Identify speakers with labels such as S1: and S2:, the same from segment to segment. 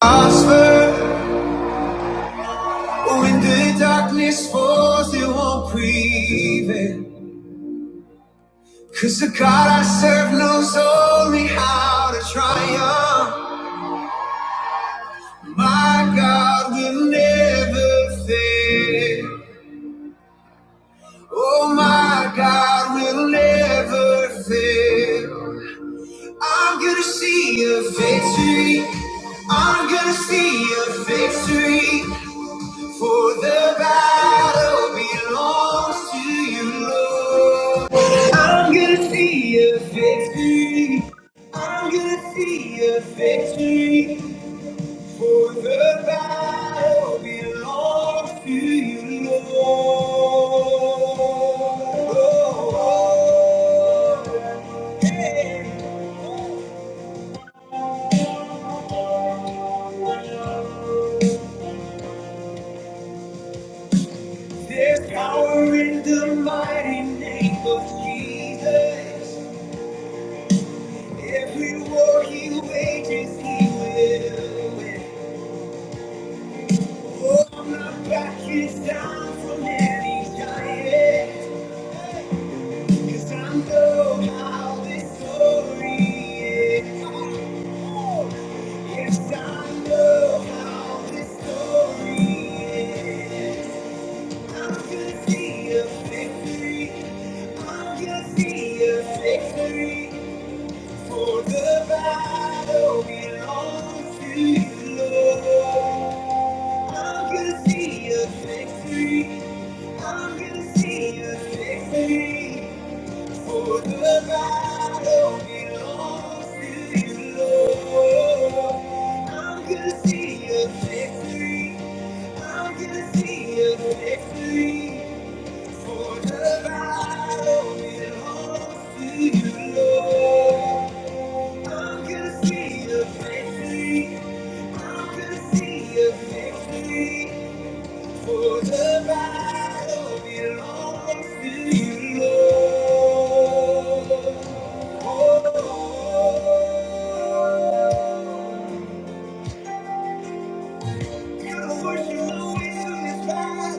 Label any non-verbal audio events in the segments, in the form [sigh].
S1: I swear, when the darkness falls, it won't prevail. 'Cause the God I serve knows only how to triumph. My God will never fail. Oh, my God will never fail. I'm gonna see a victory. I'm gonna see a victory. For the battle belongs to you, Lord. I'm gonna see a victory. I'm gonna see a victory. For the battle belongs to you, Lord. There's power in the mighty name of Jesus. Every war he wages, he will. win. For the battle belongs to you, Lord. I can see a victory. I'm gonna see you safely, for the battle belongs to you, Lord. I'm gonna see you safely, I'm gonna see you safely, for the battle belongs to you, Lord. I'm gonna see you safely, I'm gonna see you safely. For the battle belongs to you, Lord. Oh, gotta worship the way to this God.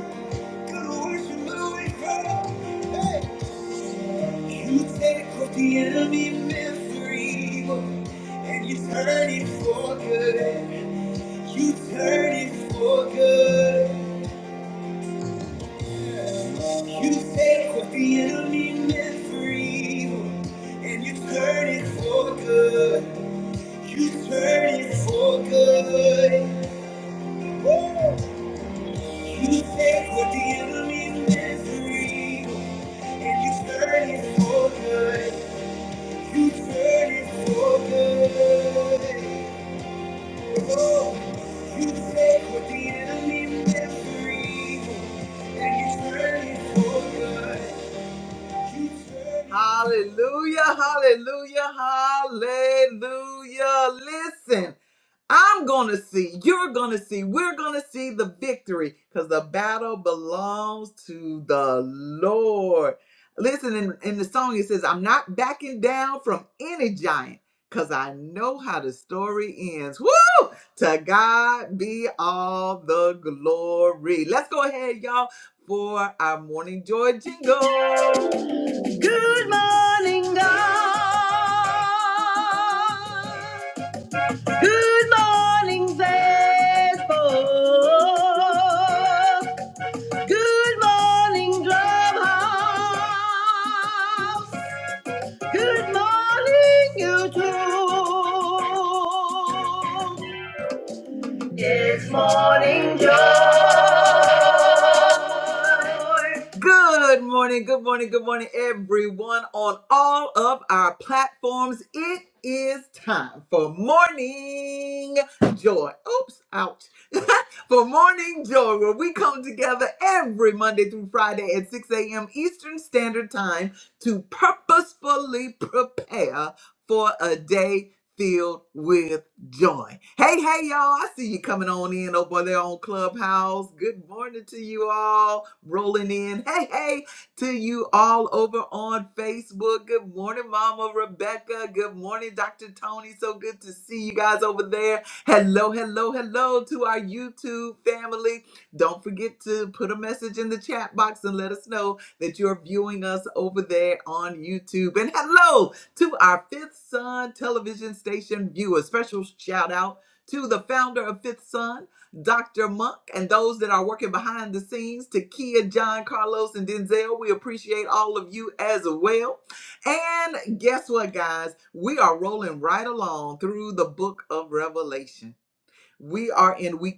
S1: Gotta worship the way from. Hey. You take what the enemy meant for evil, and you turn it for good. You turn it for good. You take what the enemy meant for evil, and you turn it for good. You turn it for good. Woo! You take what the enemy meant for evil, and you turn it for good. You turn it for good. Whoa. You take what the enemy meant for evil, and you turn it for good. Hallelujah, hallelujah, hallelujah. Listen, I'm going to see, you're going to see, we're going to see the victory because the battle belongs to the Lord. Listen, in, in the song, it says, I'm not backing down from any giant because I know how the story ends. Woo! To God be all the glory. Let's go ahead, y'all for our morning joy jingle. Good morning, God. Good morning, Facebook. Good morning, Clubhouse. Good morning, YouTube. It's morning joy. Good morning, good morning, good morning, everyone on all of our platforms. It is time for morning joy. Oops, ouch. [laughs] for morning joy, where we come together every Monday through Friday at 6 a.m. Eastern Standard Time to purposefully prepare for a day filled with join. Hey, hey, y'all. I see you coming on in over there on Clubhouse. Good morning to you all. Rolling in. Hey, hey, to you all over on Facebook. Good morning, Mama Rebecca. Good morning, Dr. Tony. So good to see you guys over there. Hello, hello, hello to our YouTube family. Don't forget to put a message in the chat box and let us know that you're viewing us over there on YouTube. And hello to our Fifth Sun television station viewers. Special shout out to the founder of Fifth Sun, Dr. Monk, and those that are working behind the scenes, to Kia, John, Carlos, and Denzel. We appreciate all of you as well. And guess what, guys? We are rolling right along through the book of Revelation. We are in week.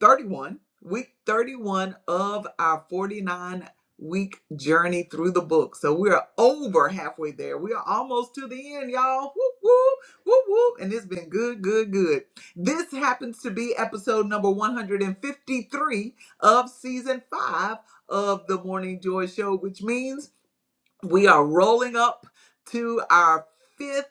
S1: 31, week 31 of our 49 week journey through the book. So we are over halfway there. We are almost to the end, y'all. Whoop, whoop, whoop, whoop. And it's been good, good, good. This happens to be episode number 153 of season five of the Morning Joy Show, which means we are rolling up to our fifth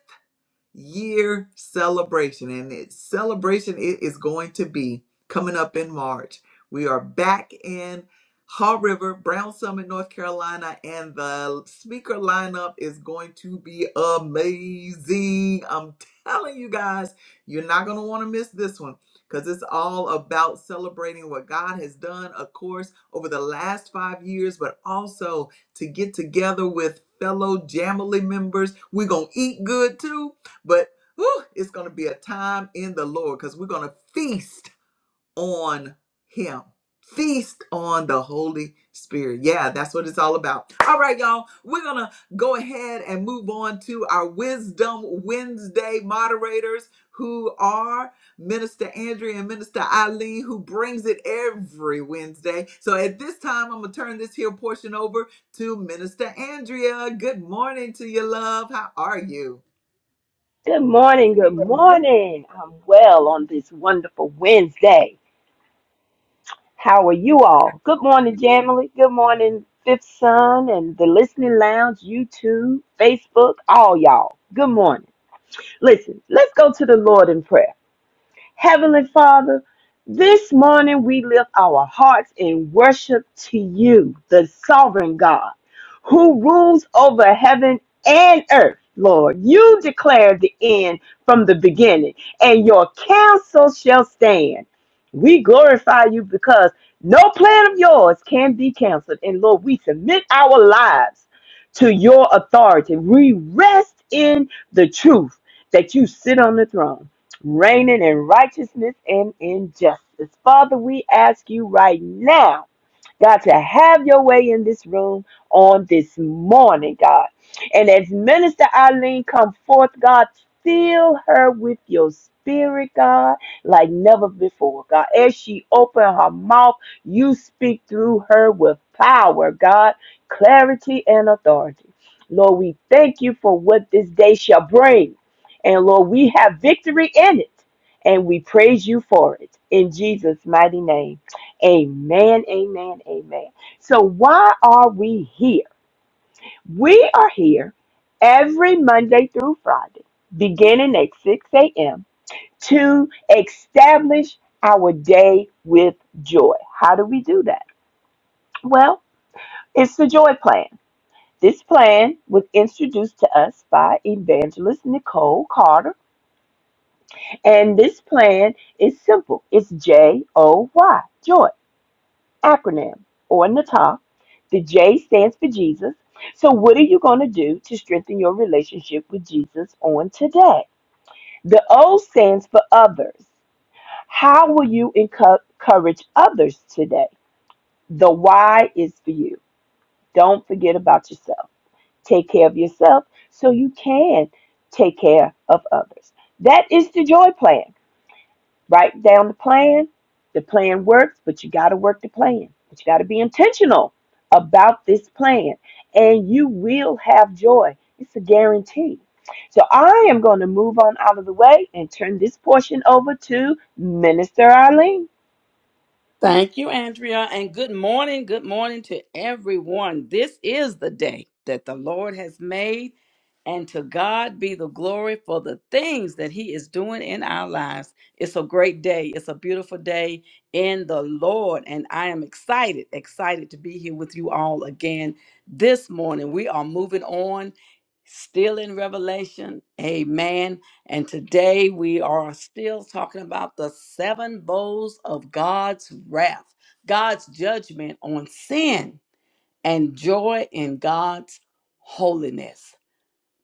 S1: year celebration. And its celebration it is going to be coming up in March. We are back in Haw River, Brown Summit, North Carolina, and the speaker lineup is going to be amazing. I'm telling you guys, you're not going to want to miss this one because it's all about celebrating what God has done, of course, over the last five years, but also to get together with fellow Jamily members. We're going to eat good too but whew, it's going to be a time in the Lord because we're going to feast on Him. Feast on the Holy Spirit. Yeah, that's what it's all about. All right, y'all. We're going to go ahead and move on to our Wisdom Wednesday moderators who are Minister Andrea and Minister Eileen, who brings it every Wednesday. So at this time, I'm going to turn this here portion over to Minister Andrea. Good morning to you, love. How are you?
S2: Good morning. Good morning. I'm well on this wonderful Wednesday. How are you all? Good morning, Jamily. Good morning, Fifth Son and the Listening Lounge, YouTube, Facebook, all y'all. Good morning. Listen, let's go to the Lord in prayer. Heavenly Father, this morning we lift our hearts in worship to you, the sovereign God, who rules over heaven and earth. Lord, you declared the end from the beginning, and your counsel shall stand. We glorify you because no plan of yours can be canceled. And Lord, we submit our lives to your authority. We rest in the truth that you sit on the throne reigning in righteousness and in justice. Father, we ask you right now God, to have your way in this room on this morning, God. And as Minister Eileen come forth, God, fill her with your spirit, God, like never before, God. As she open her mouth, you speak through her with power, God, clarity and authority. Lord, we thank you for what this day shall bring. And Lord, we have victory in it. And we praise you for it. In Jesus' mighty name. Amen, amen, amen. So, why are we here? We are here every Monday through Friday, beginning at 6 a.m., to establish our day with joy. How do we do that? Well, it's the joy plan. This plan was introduced to us by evangelist Nicole Carter, and this plan is simple it's J O Y, joy. joy acronym on the top. The J stands for Jesus. So, what are you going to do to strengthen your relationship with Jesus on today? The O stands for others. How will you encou- encourage others today? The Y is for you. Don't forget about yourself. Take care of yourself so you can take care of others. That is the joy plan. Write down the plan. The plan works, but you got to work the plan. But you got to be intentional about this plan, and you will have joy. It's a guarantee. So I am going to move on out of the way and turn this portion over to Minister Eileen.
S3: Thank you, Andrea, and good morning. Good morning to everyone. This is the day that the Lord has made, and to God be the glory for the things that He is doing in our lives. It's a great day. It's a beautiful day in the Lord, and I am excited, excited to be here with you all again this morning. We are moving on, still in Revelation. Amen. And today we are still talking about the seven bowls of God's wrath, God's judgment on sin, and joy in God's holiness.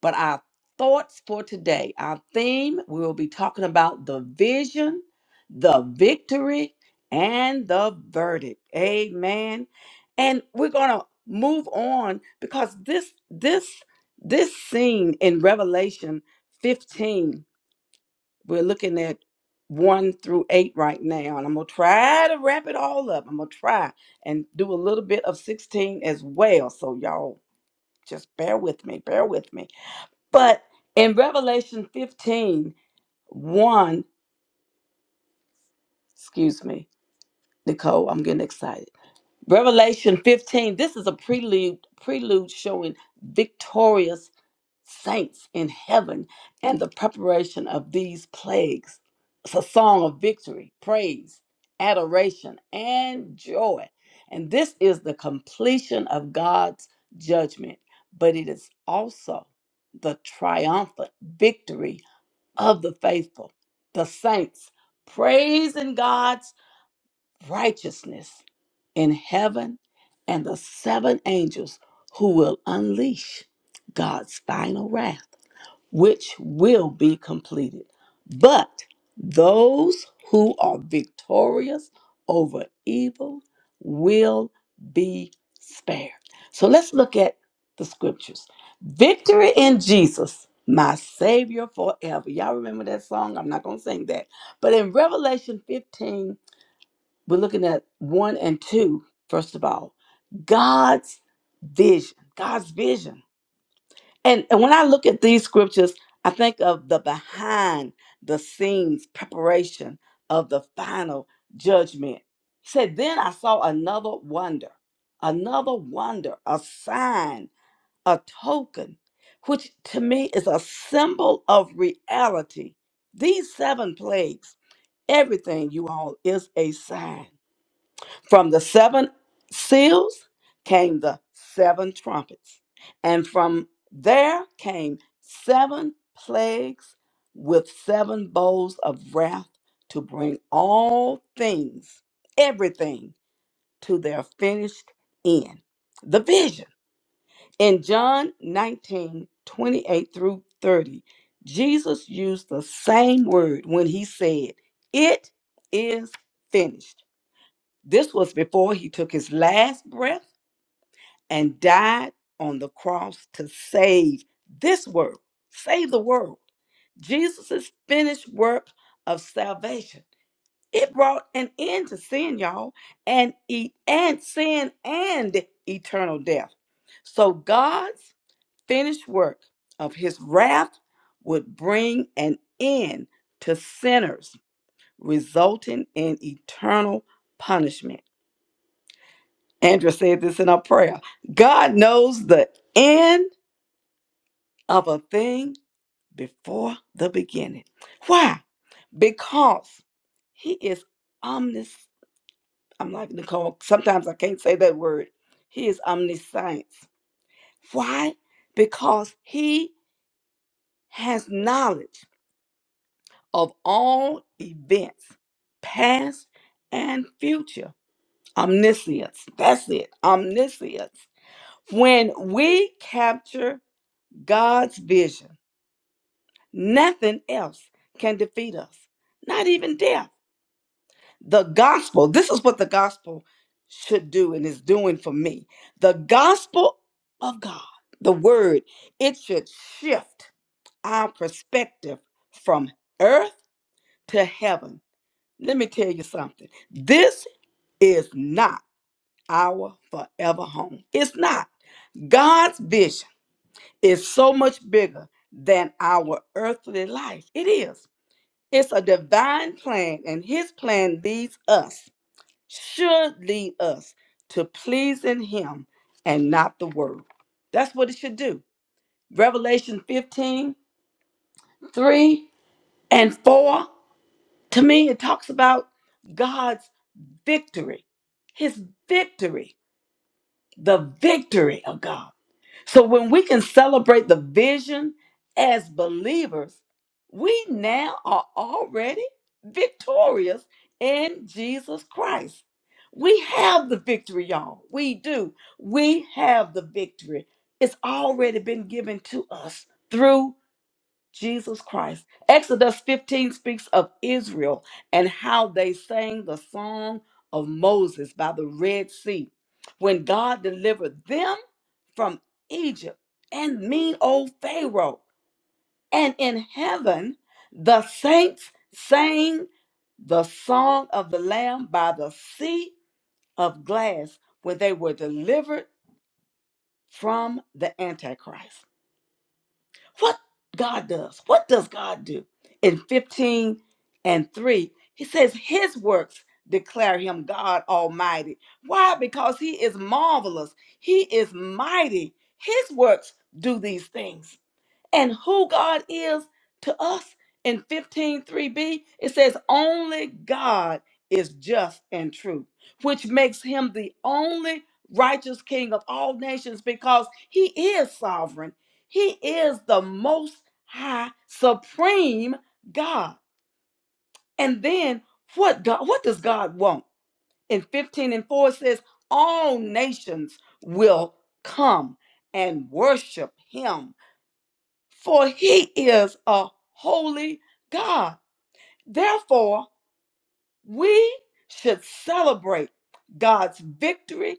S3: But our thoughts for today, our theme, we will be talking about the vision, the victory, and the verdict. Amen. And we're going to move on because this this this scene in Revelation 15 we're looking at one through eight right now, and I'm gonna try to wrap it all up. I'm gonna try and do a little bit of 16 as well. So y'all just bear with me, bear with me. But in Revelation 15, one, excuse me, Nicole, I'm getting excited. Revelation 15, this is a prelude, prelude showing victorious saints in heaven and the preparation of these plagues. It's a song of victory, praise, adoration, and joy. And this is the completion of God's judgment, but it is also the triumphant victory of the faithful, the saints, praising God's righteousness in heaven and the seven angels who will unleash God's final wrath which will be completed. But those who are victorious over evil will be spared. So let's look at the scriptures. Victory in Jesus, my Savior forever. Y'all remember that song? I'm not going to sing that. But in Revelation 15, we're looking at 1 and 2, first of all. God's vision, God's vision. And, and when I look at these scriptures, I think of the behind the scenes preparation of the final judgment. He said, Then I saw another wonder, another wonder, a sign, a token, which to me is a symbol of reality. These seven plagues, everything you all is a sign. From the seven seals came the seven trumpets, and from there came seven plagues with seven bowls of wrath to bring all things, everything, to their finished end. The vision. In John 19 28 through 30, Jesus used the same word when he said, It is finished this was before he took his last breath and died on the cross to save this world, save the world. Jesus' finished work of salvation. It brought an end to sin, y'all, and e- and sin and eternal death. So God's finished work of his wrath would bring an end to sinners, resulting in eternal punishment. Andrea said this in our prayer. God knows the end of a thing before the beginning. Why? Because He is omnis. I'm like Nicole. Sometimes I can't say that word. He is omniscience. Why? Because He has knowledge of all events, past and future. Omniscience. That's it. Omniscience. When we capture God's vision. Nothing else can defeat us, not even death. The gospel, this is what the gospel should do and is doing for me. The gospel of God, the word, it should shift our perspective from earth to heaven. Let me tell you something. This is not our forever home. It's not. God's vision is so much bigger than our earthly life. It is. It's a divine plan, and his plan leads us, should lead us to pleasing him and not the world. That's what it should do. Revelation 15 3 and 4. To me, it talks about God's victory, his victory, the victory of God. So when we can celebrate the vision as believers, we now are already victorious in Jesus Christ. We have the victory, y'all. We do. We have the victory. It's already been given to us through Jesus Christ. Exodus 15 speaks of Israel and how they sang the song of Moses by the Red Sea when God delivered them from Egypt and mean old Pharaoh. And in heaven, the saints sang the song of the Lamb by the sea of glass when they were delivered from the Antichrist. What God does, what does God do? In 15 and 3, he says, His works declare him God Almighty. Why? Because he is marvelous, he is mighty. His works do these things and who God is to us in 153b it says only God is just and true which makes him the only righteous king of all nations because he is sovereign he is the most high supreme God and then what God what does God want in 15 and 4 it says all nations will come and worship him for he is a holy God. Therefore, we should celebrate God's victory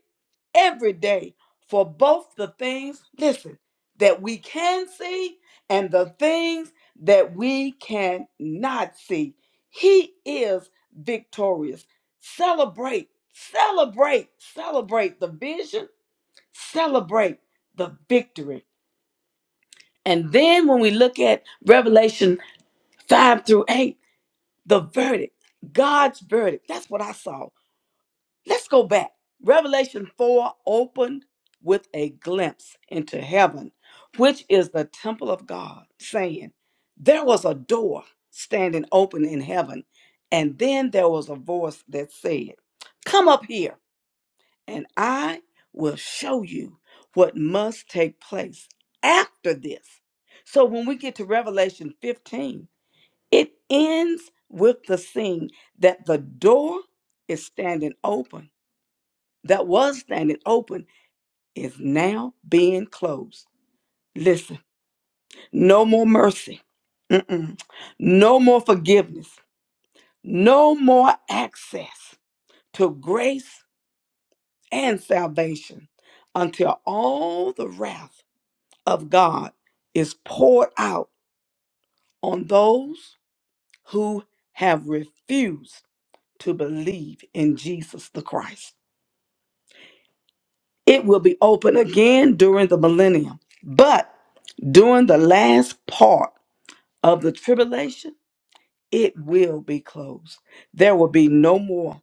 S3: every day for both the things, listen, that we can see and the things that we cannot see. He is victorious. Celebrate, celebrate, celebrate the vision, celebrate the victory. And then when we look at Revelation five through eight, the verdict, God's verdict. That's what I saw. Let's go back. Revelation 4 opened with a glimpse into heaven, which is the temple of God, saying, There was a door standing open in heaven, and then there was a voice that said, Come up here, and I will show you what must take place after this. So when we get to Revelation 15, it ends with the scene that the door is standing open, that was standing open, is now being closed. Listen, no more mercy, Mm-mm. no more forgiveness, no more access to grace and salvation until all the wrath of God is poured out on those who have refused to believe in Jesus the Christ. It will be open again during the millennium. But during the last part of the tribulation, it will be closed. There will be no more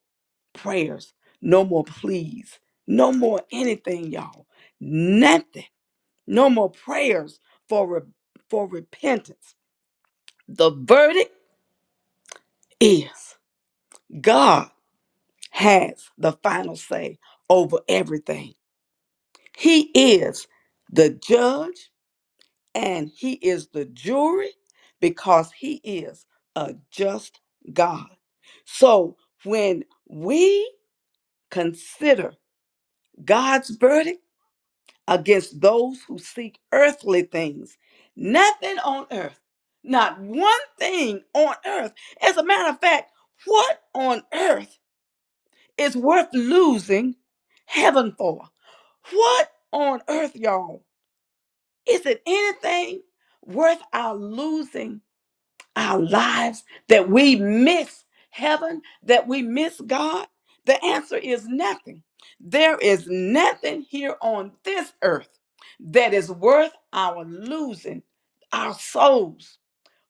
S3: prayers, no more pleas, no more anything, y'all. Nothing. No more prayers for, re- for repentance. The verdict is God has the final say over everything. He is the judge and he is the jury because he is a just God. So when we consider God's verdict against those who seek earthly things, nothing on earth, not one thing on earth. As a matter of fact, what on earth is worth losing heaven for? What on earth, y'all? Is it anything worth our losing our lives that we miss heaven, that we miss God? The answer is nothing. There is nothing here on this earth that is worth our losing our souls.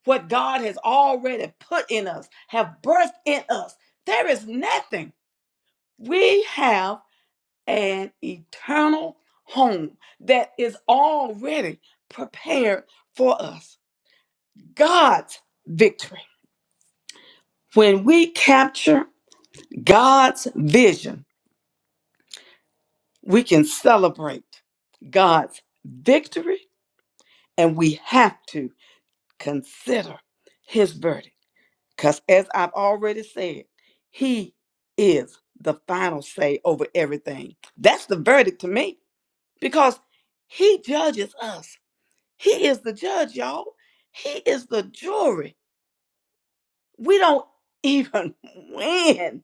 S3: What God has already put in us, have birthed in us. There is nothing. We have an eternal home that is already prepared for us. God's victory. When we capture God's vision, we can celebrate God's victory and we have to consider his verdict. Because as I've already said, he is the final say over everything. That's the verdict to me because he judges us. He is the judge, y'all. He is the jury. We don't even [laughs] win.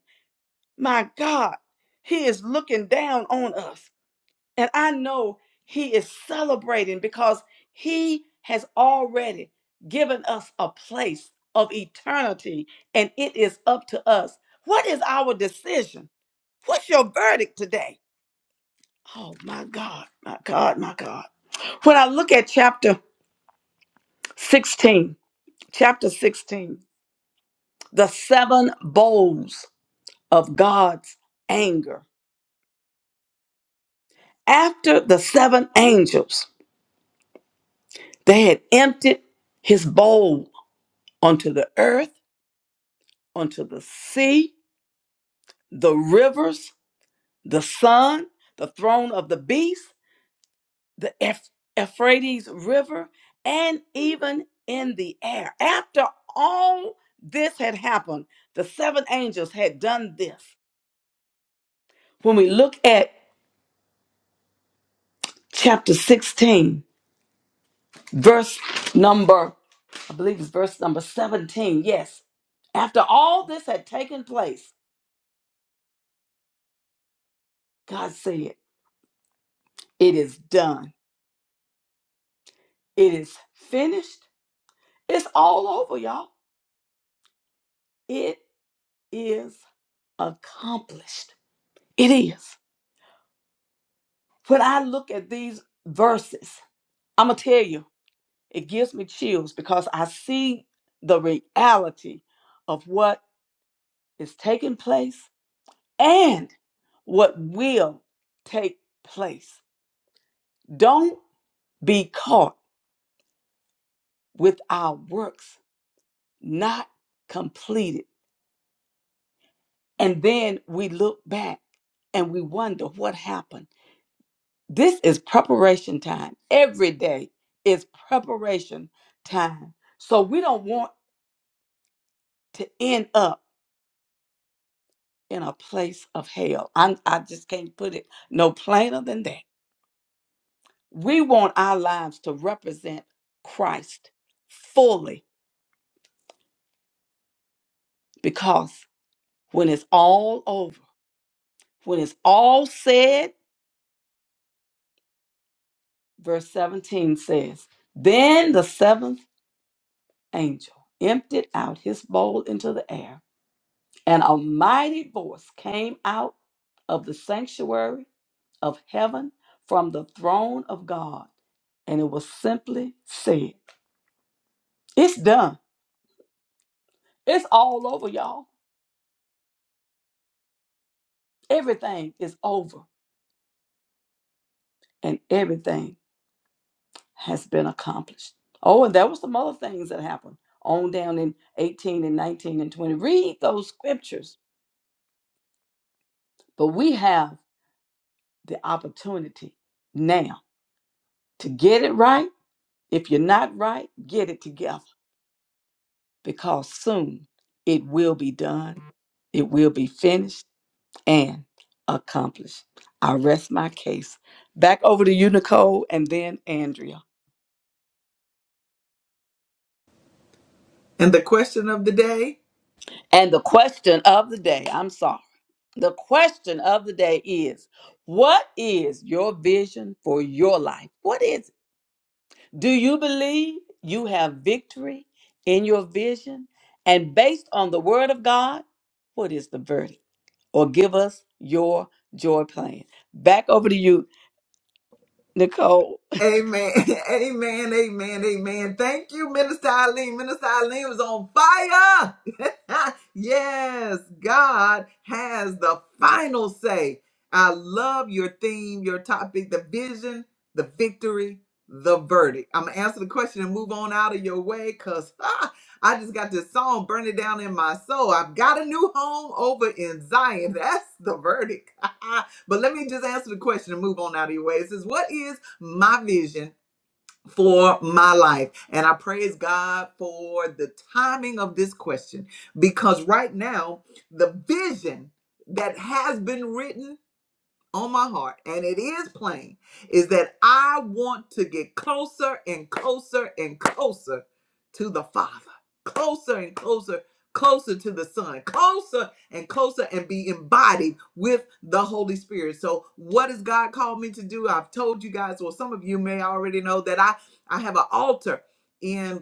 S3: My God, he is looking down on us. And I know he is celebrating because he has already given us a place of eternity, and it is up to us. What is our decision? What's your verdict today? Oh my God, my God, my God. When I look at chapter 16, chapter 16, the seven bowls of God's anger. After the seven angels, they had emptied his bowl onto the earth unto the sea, the rivers, the sun, the throne of the beast, the Eph- Euphrates River, and even in the air. After all this had happened, the seven angels had done this. When we look at chapter 16, verse number, I believe it's verse number 17, yes. After all this had taken place, God said, It is done. It is finished. It's all over, y'all. It is accomplished. It is. When I look at these verses, I'm going to tell you, it gives me chills because I see the reality of what is taking place and what will take place. Don't be caught with our works not completed. And then we look back and we wonder what happened This is preparation time. Every day is preparation time. So we don't want to end up in a place of hell. I'm, I just can't put it no plainer than that. We want our lives to represent Christ fully because when it's all over, when it's all said, verse 17 says, Then the seventh angel emptied out his bowl into the air And a mighty voice came out of the sanctuary of heaven from the throne of God. And it was simply said, It's done. It's all over, y'all. Everything is over and everything has been accomplished. Oh, and there was some other things that happened on down in 18 and 19 and 20. Read those scriptures. But we have the opportunity now to get it right. If you're not right, get it together because soon it will be done, it will be finished and accomplished. I rest my case. Back over to you, Nicole, and then Andrea.
S1: And the question of the day
S3: And the question of the day I'm sorry. The question of the day is What is your vision for your life? What is it? Do you believe you have victory in your vision? And based on the word of God, what is the verdict? or give us your joy plan. Back over to you, Nicole.
S1: Amen. [laughs] Amen. Amen. Amen. Thank you, Minister Eileen. Minister Eileen was on fire. [laughs] yes, God has the final say. I love your theme, your topic, the vision, the victory, the verdict. I'm going to answer the question and move on out of your way because [laughs] I just got this song burning down in my soul. I've got a new home over in Zion. [laughs] That's the verdict. [laughs] but let me just answer the question and move on out of your way. It says, What is my vision for my life. And I praise God for the timing of this question because right now, the vision that has been written on my heart, and it is plain, is that I want to get closer and closer and closer to the Father, closer and closer, closer to the Son, closer and closer, and be embodied with the Holy Spirit. So, what has God called me to do? I've told you guys, well, some of you may already know that I I have an altar. in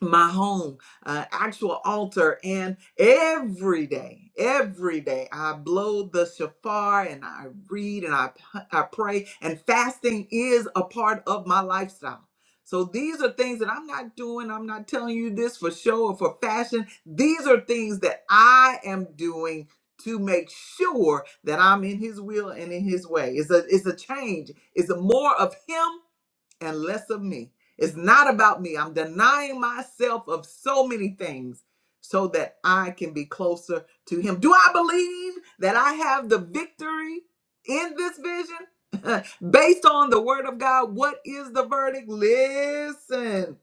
S1: my home, uh, actual altar, and every day, every day I blow the shofar and I read and I p- I pray, and fasting is a part of my lifestyle. So these are things that I'm not doing. I'm not telling you this for show or for fashion. These are things that I am doing to make sure that I'm in His will and in His way. It's a it's a change. It's a more of Him and less of me. It's not about me. I'm denying myself of so many things so that I can be closer to Him. Do I believe that I have the victory in this vision? [laughs] Based on the word of God, what is the verdict? Listen.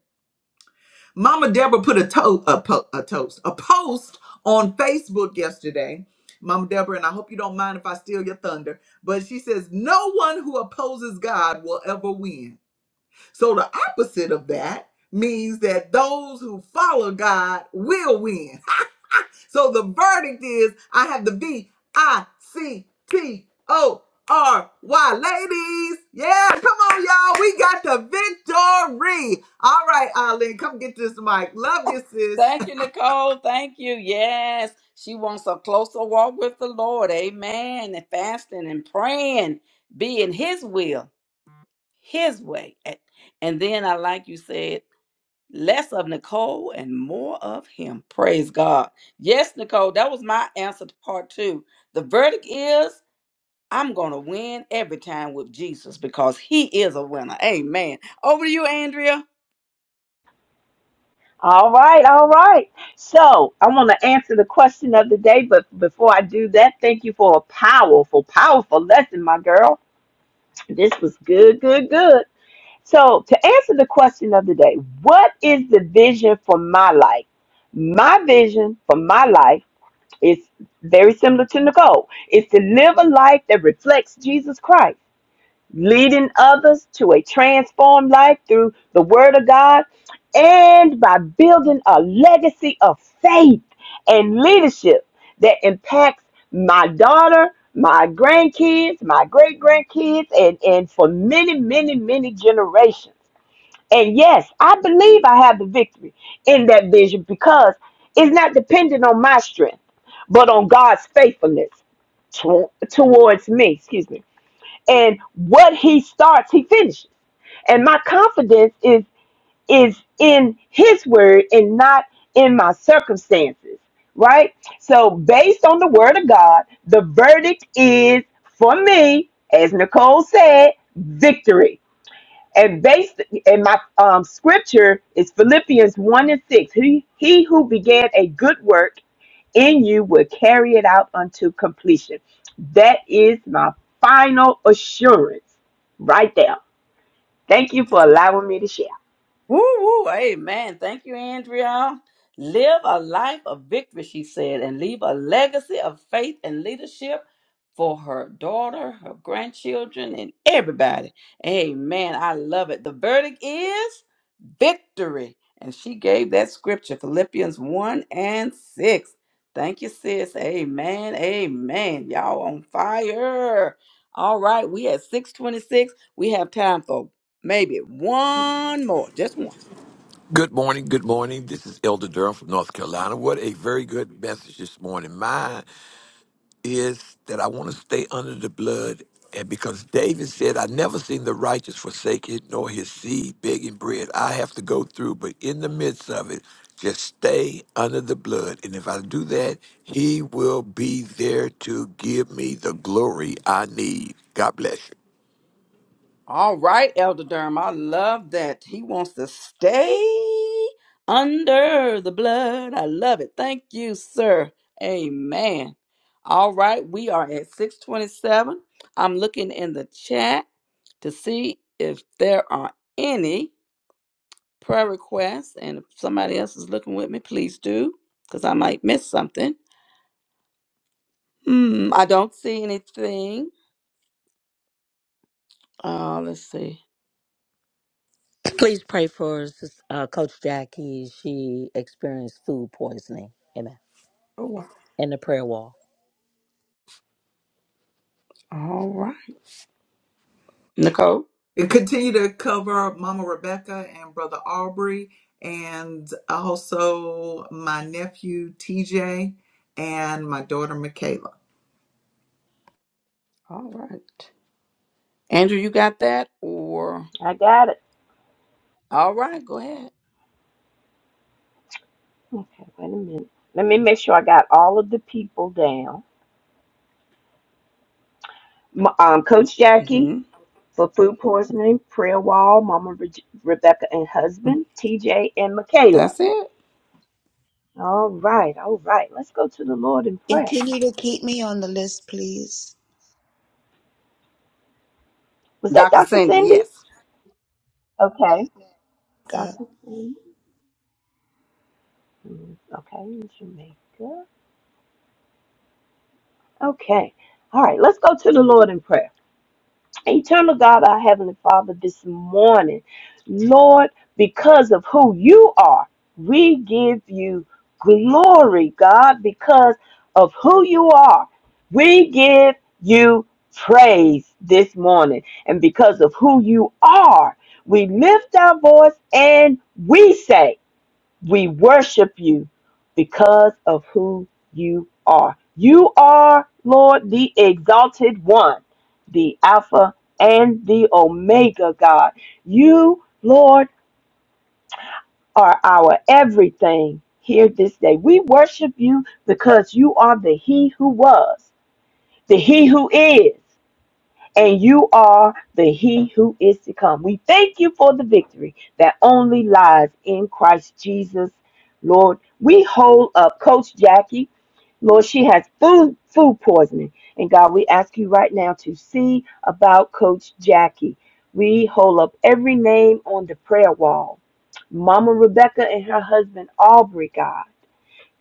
S1: Mama Deborah put a, to- a, po- a toast, a post on Facebook yesterday. Mama Deborah, and I hope you don't mind if I steal your thunder, but she says, No one who opposes God will ever win. So the opposite of that means that those who follow God will win. so the verdict is I have the V I C T O R Y, Ladies, yeah, come on, y'all. We got the victory. All right, Eileen, come get this mic. Love you, sis.
S3: Thank you, Nicole. Thank you. Yes, she wants a closer walk with the Lord. Amen. And fasting and praying, be in His will, His way. A- And then I like you said, less of Nicole and more of Him. Praise God. Yes, Nicole, that was my answer to part two. The verdict is I'm going to win every time with Jesus because he is a winner. Amen. Over to you, Andrea.
S2: All right, all right. So I want to answer the question of the day, but before I do that, thank you for a powerful, powerful lesson, my girl. This was good, good, good. So, to answer the question of the day, what is the vision for my life? My vision for my life is very similar to Nicole. It's to live a life that reflects Jesus Christ, leading others to a transformed life through the Word of God and by building a legacy of faith and leadership that impacts my daughter, my grandkids, my great grandkids, and, and for many, many, many generations. And yes, I believe I have the victory in that vision because it's not dependent on my strength, but on God's faithfulness to- towards me. Excuse me. And what He starts, He finishes. And my confidence is is in His word and not in my circumstances. Right. So based on the word of God, the verdict is for me, as Nicole said, victory and based and my um, scripture is Philippians one and six. He he who began a good work in you will carry it out unto completion. That is my final assurance, right there. Thank you for allowing me to share.
S3: Woo woo, amen. Thank you, Andrea. Live a life of victory, she said, and leave a legacy of faith and leadership for her daughter, her grandchildren, and everybody. Amen. I love it. The verdict is victory. And she gave that scripture, Philippians 1 and 6. Thank you, sis. Amen. Amen. Y'all on fire. All right, we at 626. We have time for Maybe one more, just one.
S4: Good morning. Good morning. This is Elder Durham from North Carolina. What a very good message this morning. Mine is that I want to stay under the blood. And because David said, I never seen the righteous forsaken nor his seed begging bread. I have to go through, but in the midst of it, just stay under the blood. And if I do that, he will be there to give me the glory I need. God bless you.
S3: All right, Elder Durham, I love that. He wants to stay under the blood. I love it. Thank you, sir. Amen. All right, we are at 627. I'm looking in the chat to see if there are any. prayer requests, and if somebody else is looking with me, please do, because I might miss something. Hmm, I don't see anything. Uh, let's see.
S5: Please pray for uh, Coach Jackie. She experienced food poisoning. Amen.
S3: Oh, wow.
S5: In the prayer wall.
S3: All right. Nicole?
S1: And continue to cover Mama Rebecca and Brother Aubrey and also my nephew TJ and my daughter Michaela.
S3: All right. Andrew, you got that? Or,
S2: I got it.
S3: all right, go ahead.
S2: Okay, wait a minute. Let me make sure I got all of the people down. M- Um, Coach Jackie
S3: hmm
S2: for food poisoning, prayer wall, Mama Re- Rebecca and husband, TJ and Michaela.
S3: That's it.
S2: All right, all right. Let's go to the Lord in prayer.
S6: Continue to keep me on the list, please.
S2: Was that
S3: Dr.
S2: Dr.
S3: Cindy,
S2: Cindy?
S3: yes.
S2: Okay.
S6: God.
S2: Dr. Cindy? Mm, Okay, in Jamaica. Okay. All right, let's go to the Lord in prayer. Eternal God, our Heavenly Father, this morning, Lord, because of who you are, we give you glory, God, because of who you are. We give you praise this morning. And because of who you are, we lift our voice and we say, we worship you because of who you are. You are, Lord, the exalted one, the Alpha and the Omega God. You, Lord, are our everything here this day. We worship you because you are the He who was, the He who is and you are the He who is to come. We thank you for the victory that only lies in Christ Jesus, Lord. We hold up Coach Jackie. Lord, she has food food poisoning, and God, we ask you right now to see about Coach Jackie. We hold up every name on the prayer wall. Mama Rebecca and her husband Aubrey, God.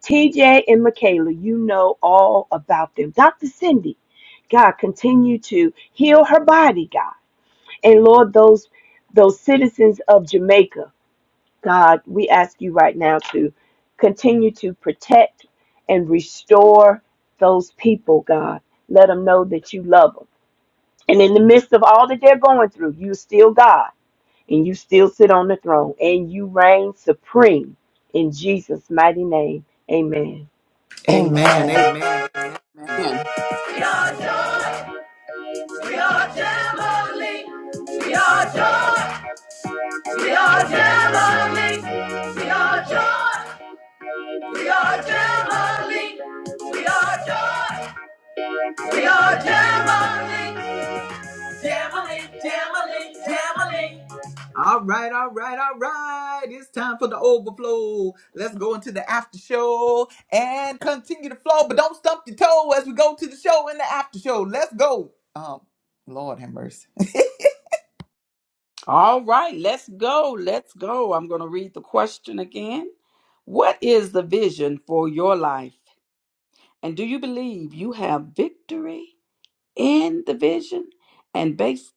S2: TJ and Michaela, you know all about them. Dr. Cindy, God, continue to heal her body, God. And Lord, those those citizens of Jamaica, God, we ask you right now to continue to protect and restore those people, God. Let them know that you love them. And in the midst of all that they're going through, you still God and you still sit on the throne and you reign supreme in Jesus' mighty name. Amen.
S1: Amen.
S7: Amen.
S1: Amen.
S3: Man.
S1: We are joy. We are Jamali. We are joy. We are Jamali. We are joy. We are Jamali. We are joy. We are Jamali. Jamily, jamily, jamily. All right, all right, all right. It's time for the overflow. Let's go into the after show and continue the flow, but don't stump your toe as we go to the show and the after show. Let's go. Um, Lord have mercy.
S3: All right, let's go. Let's go. I'm going to read the question again. What is the vision for your life? And do you believe you have victory? in the vision and based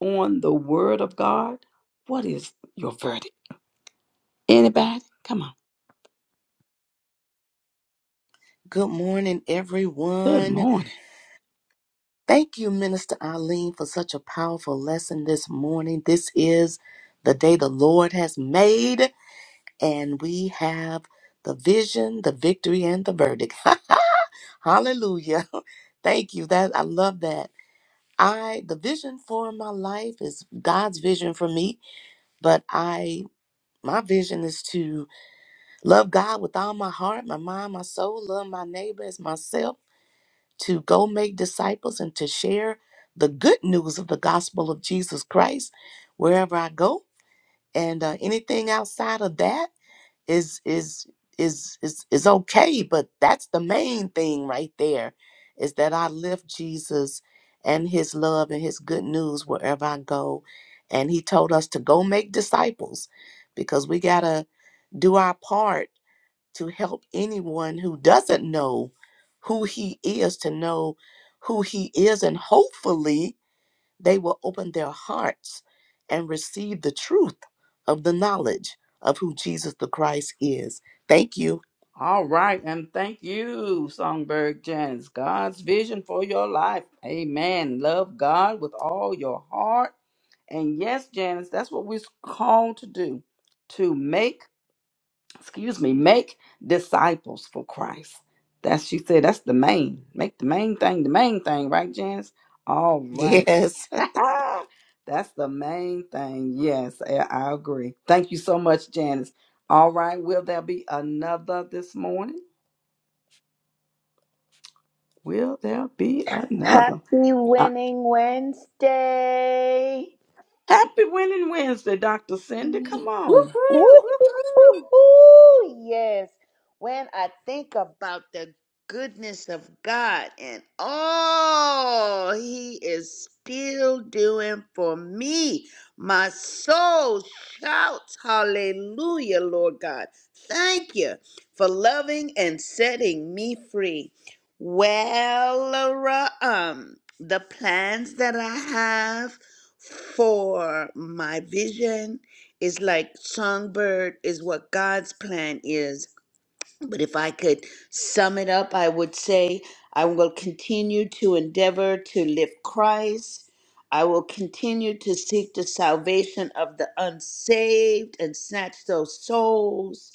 S3: on the word of God, what is your verdict? Anybody? Come on.
S8: Good morning,
S3: Good
S8: everyone.
S3: morning.
S8: Thank you, Minister Eileen, for such a powerful lesson this morning. This is the day the Lord has made, and we have the vision, the victory, and the verdict. [laughs] Hallelujah. Thank you. That I love that. I the vision for my life is God's vision for me, but I my vision is to love God with all my heart, my mind, my soul, love my neighbor as myself to go make disciples and to share the good news of the gospel of Jesus Christ wherever I go. And uh, anything outside of that is is is is is okay, but that's the main thing right there is that I lift Jesus and his love and his good news wherever I go. And he told us to go make disciples because we got to do our part to help anyone who doesn't know who he is to know who he is and hopefully they will open their hearts and receive the truth of the knowledge of who Jesus the Christ is. Thank you.
S3: All right. And thank you, Songbird Janice. God's vision for your life. Amen. Love God with all your heart. And yes, Janice, that's what we're called to do to make, excuse me, make disciples for Christ. That's, she said, that's the main, make the main thing the main thing, right, Janice? All right.
S8: Yes. [laughs]
S3: [laughs] That's the main thing. Yes, I I agree. Thank you so much, Janice. All right, will there be another this morning? Will there be
S6: Happy
S3: another? Uh,
S6: Winning Wednesday!
S3: happy Winning Wednesday, Dr. Cindy. Come on.
S6: Ooh,
S9: Woohoo! Woohoo!
S6: yes. When I think about the goodness of God and all He is still doing for me, my soul shouts hallelujah, Lord God. Thank you for loving and setting me free. Well, Laura, um, the plans that I have for my vision it's like songbird is what God's plan is. But if I could sum it up, I would say I will continue to endeavor to live Christ. I will continue to seek the salvation of the unsaved and snatch those souls.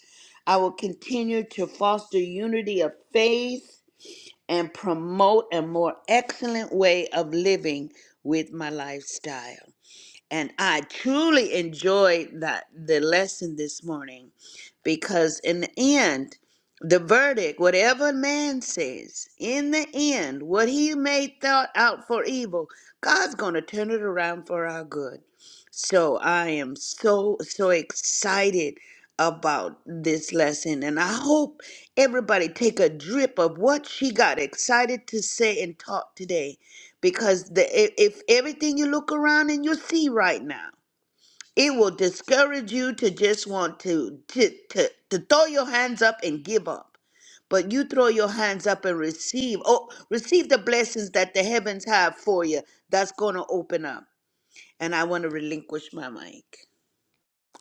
S6: I will continue to foster unity of faith and promote a more excellent way of living with my lifestyle. And I truly enjoyed that the lesson this morning because in the end, the verdict, whatever man says, in the end, what he may thought out for evil, God's gonna turn it around for our good. So I am so so excited about this lesson and I hope everybody take a drip of what she got excited to say and talk today because the i- if everything you look around and you see right now it will discourage you to just want to to, to to throw your hands up and give up but you throw your hands up and receive oh receive the blessings that the heavens have for you that's going to open up and i want to relinquish my mic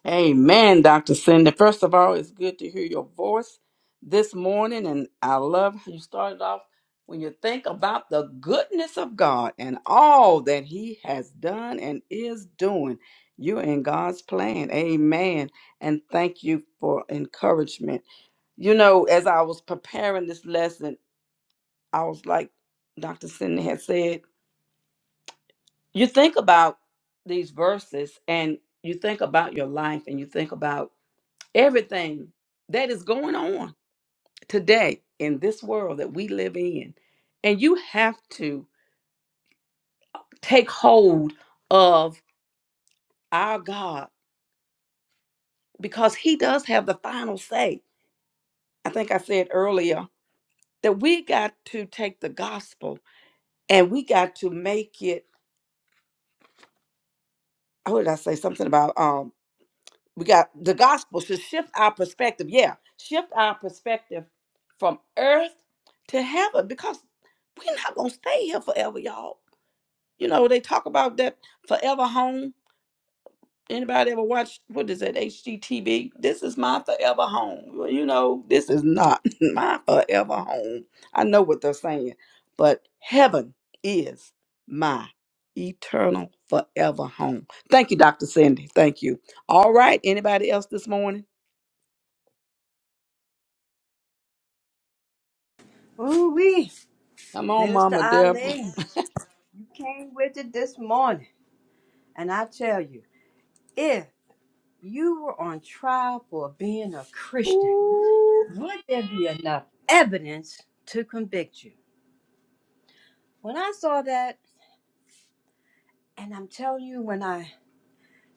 S3: Amen, Dr. Cindy. First of all, it's good to hear your voice this morning. And I love how you started off when you think about the goodness of God and all that He has done and is doing. You're in God's plan. Amen. And thank you for encouragement. You know, as I was preparing this lesson, I was like Dr. Cindy had said, you think about these verses and you think about your life and you think about everything that is going on today in this world that we live in. And you have to take hold of our God because He does have the final say. I think I said earlier that we got to take the gospel and we got to make it. What did I say? Something about um we got the gospel should shift our perspective. Yeah, shift our perspective from earth to heaven because we're not gonna stay here forever, y'all You know, they talk about that forever home. Anybody ever watch what is that HGTV? This is my forever home. Well, you know, this is not [laughs] my forever home. I know what they're saying, but heaven is my eternal forever home. Thank you, Dr. Cindy. Thank you. All right. Anybody else this morning?
S9: Ooh wee!
S3: Come on,
S9: Minister
S3: Mama Deborah.
S9: Eileen, you came with it this morning, and I tell you, if you were on trial for being a Christian, would there be enough evidence to convict you? When I saw that, and I'm telling you, when I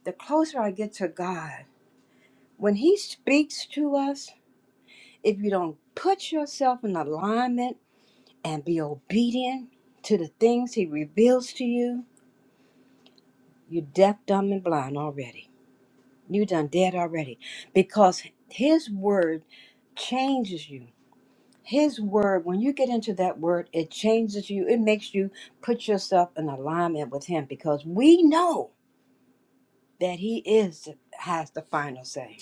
S9: the closer I get to God, when He speaks to us, if you don't put yourself in alignment and be obedient to the things He reveals to you, You deaf, dumb, and blind already. You done dead already. Because his word changes you. His word, when you get into that word, it changes you. It makes you put yourself in alignment with him because we know that he is has the final say.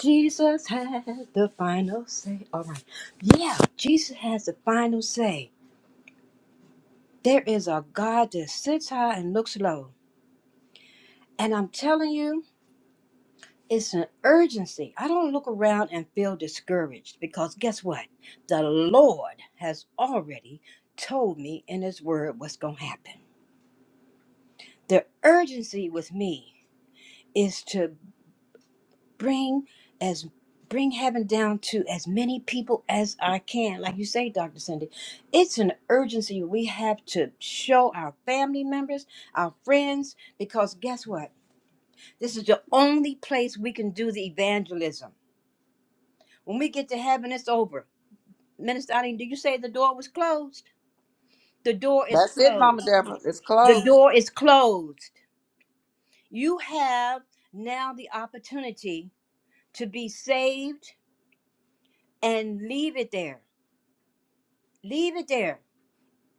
S9: Jesus has the final say. All right. Yeah, Jesus has the final say. There is a God that sits high and looks low. And I'm telling you, It's an urgency. I don't look around and feel discouraged because guess what? The Lord has already told me in His Word what's going to happen. The urgency with me is to bring as bring heaven down to as many people as I can. Like you say, Dr. Cindy, it's an urgency we have to show our family members, our friends, because guess what? This is the only place we can do the evangelism. When we get to heaven, it's over. Minister Eileen, did you say the door was closed? The door is
S3: That's it,
S9: closed.
S3: Mama Deborah. It's
S9: The
S3: closed.
S9: door is closed. You have now the opportunity to be saved and leave it there. Leave it there.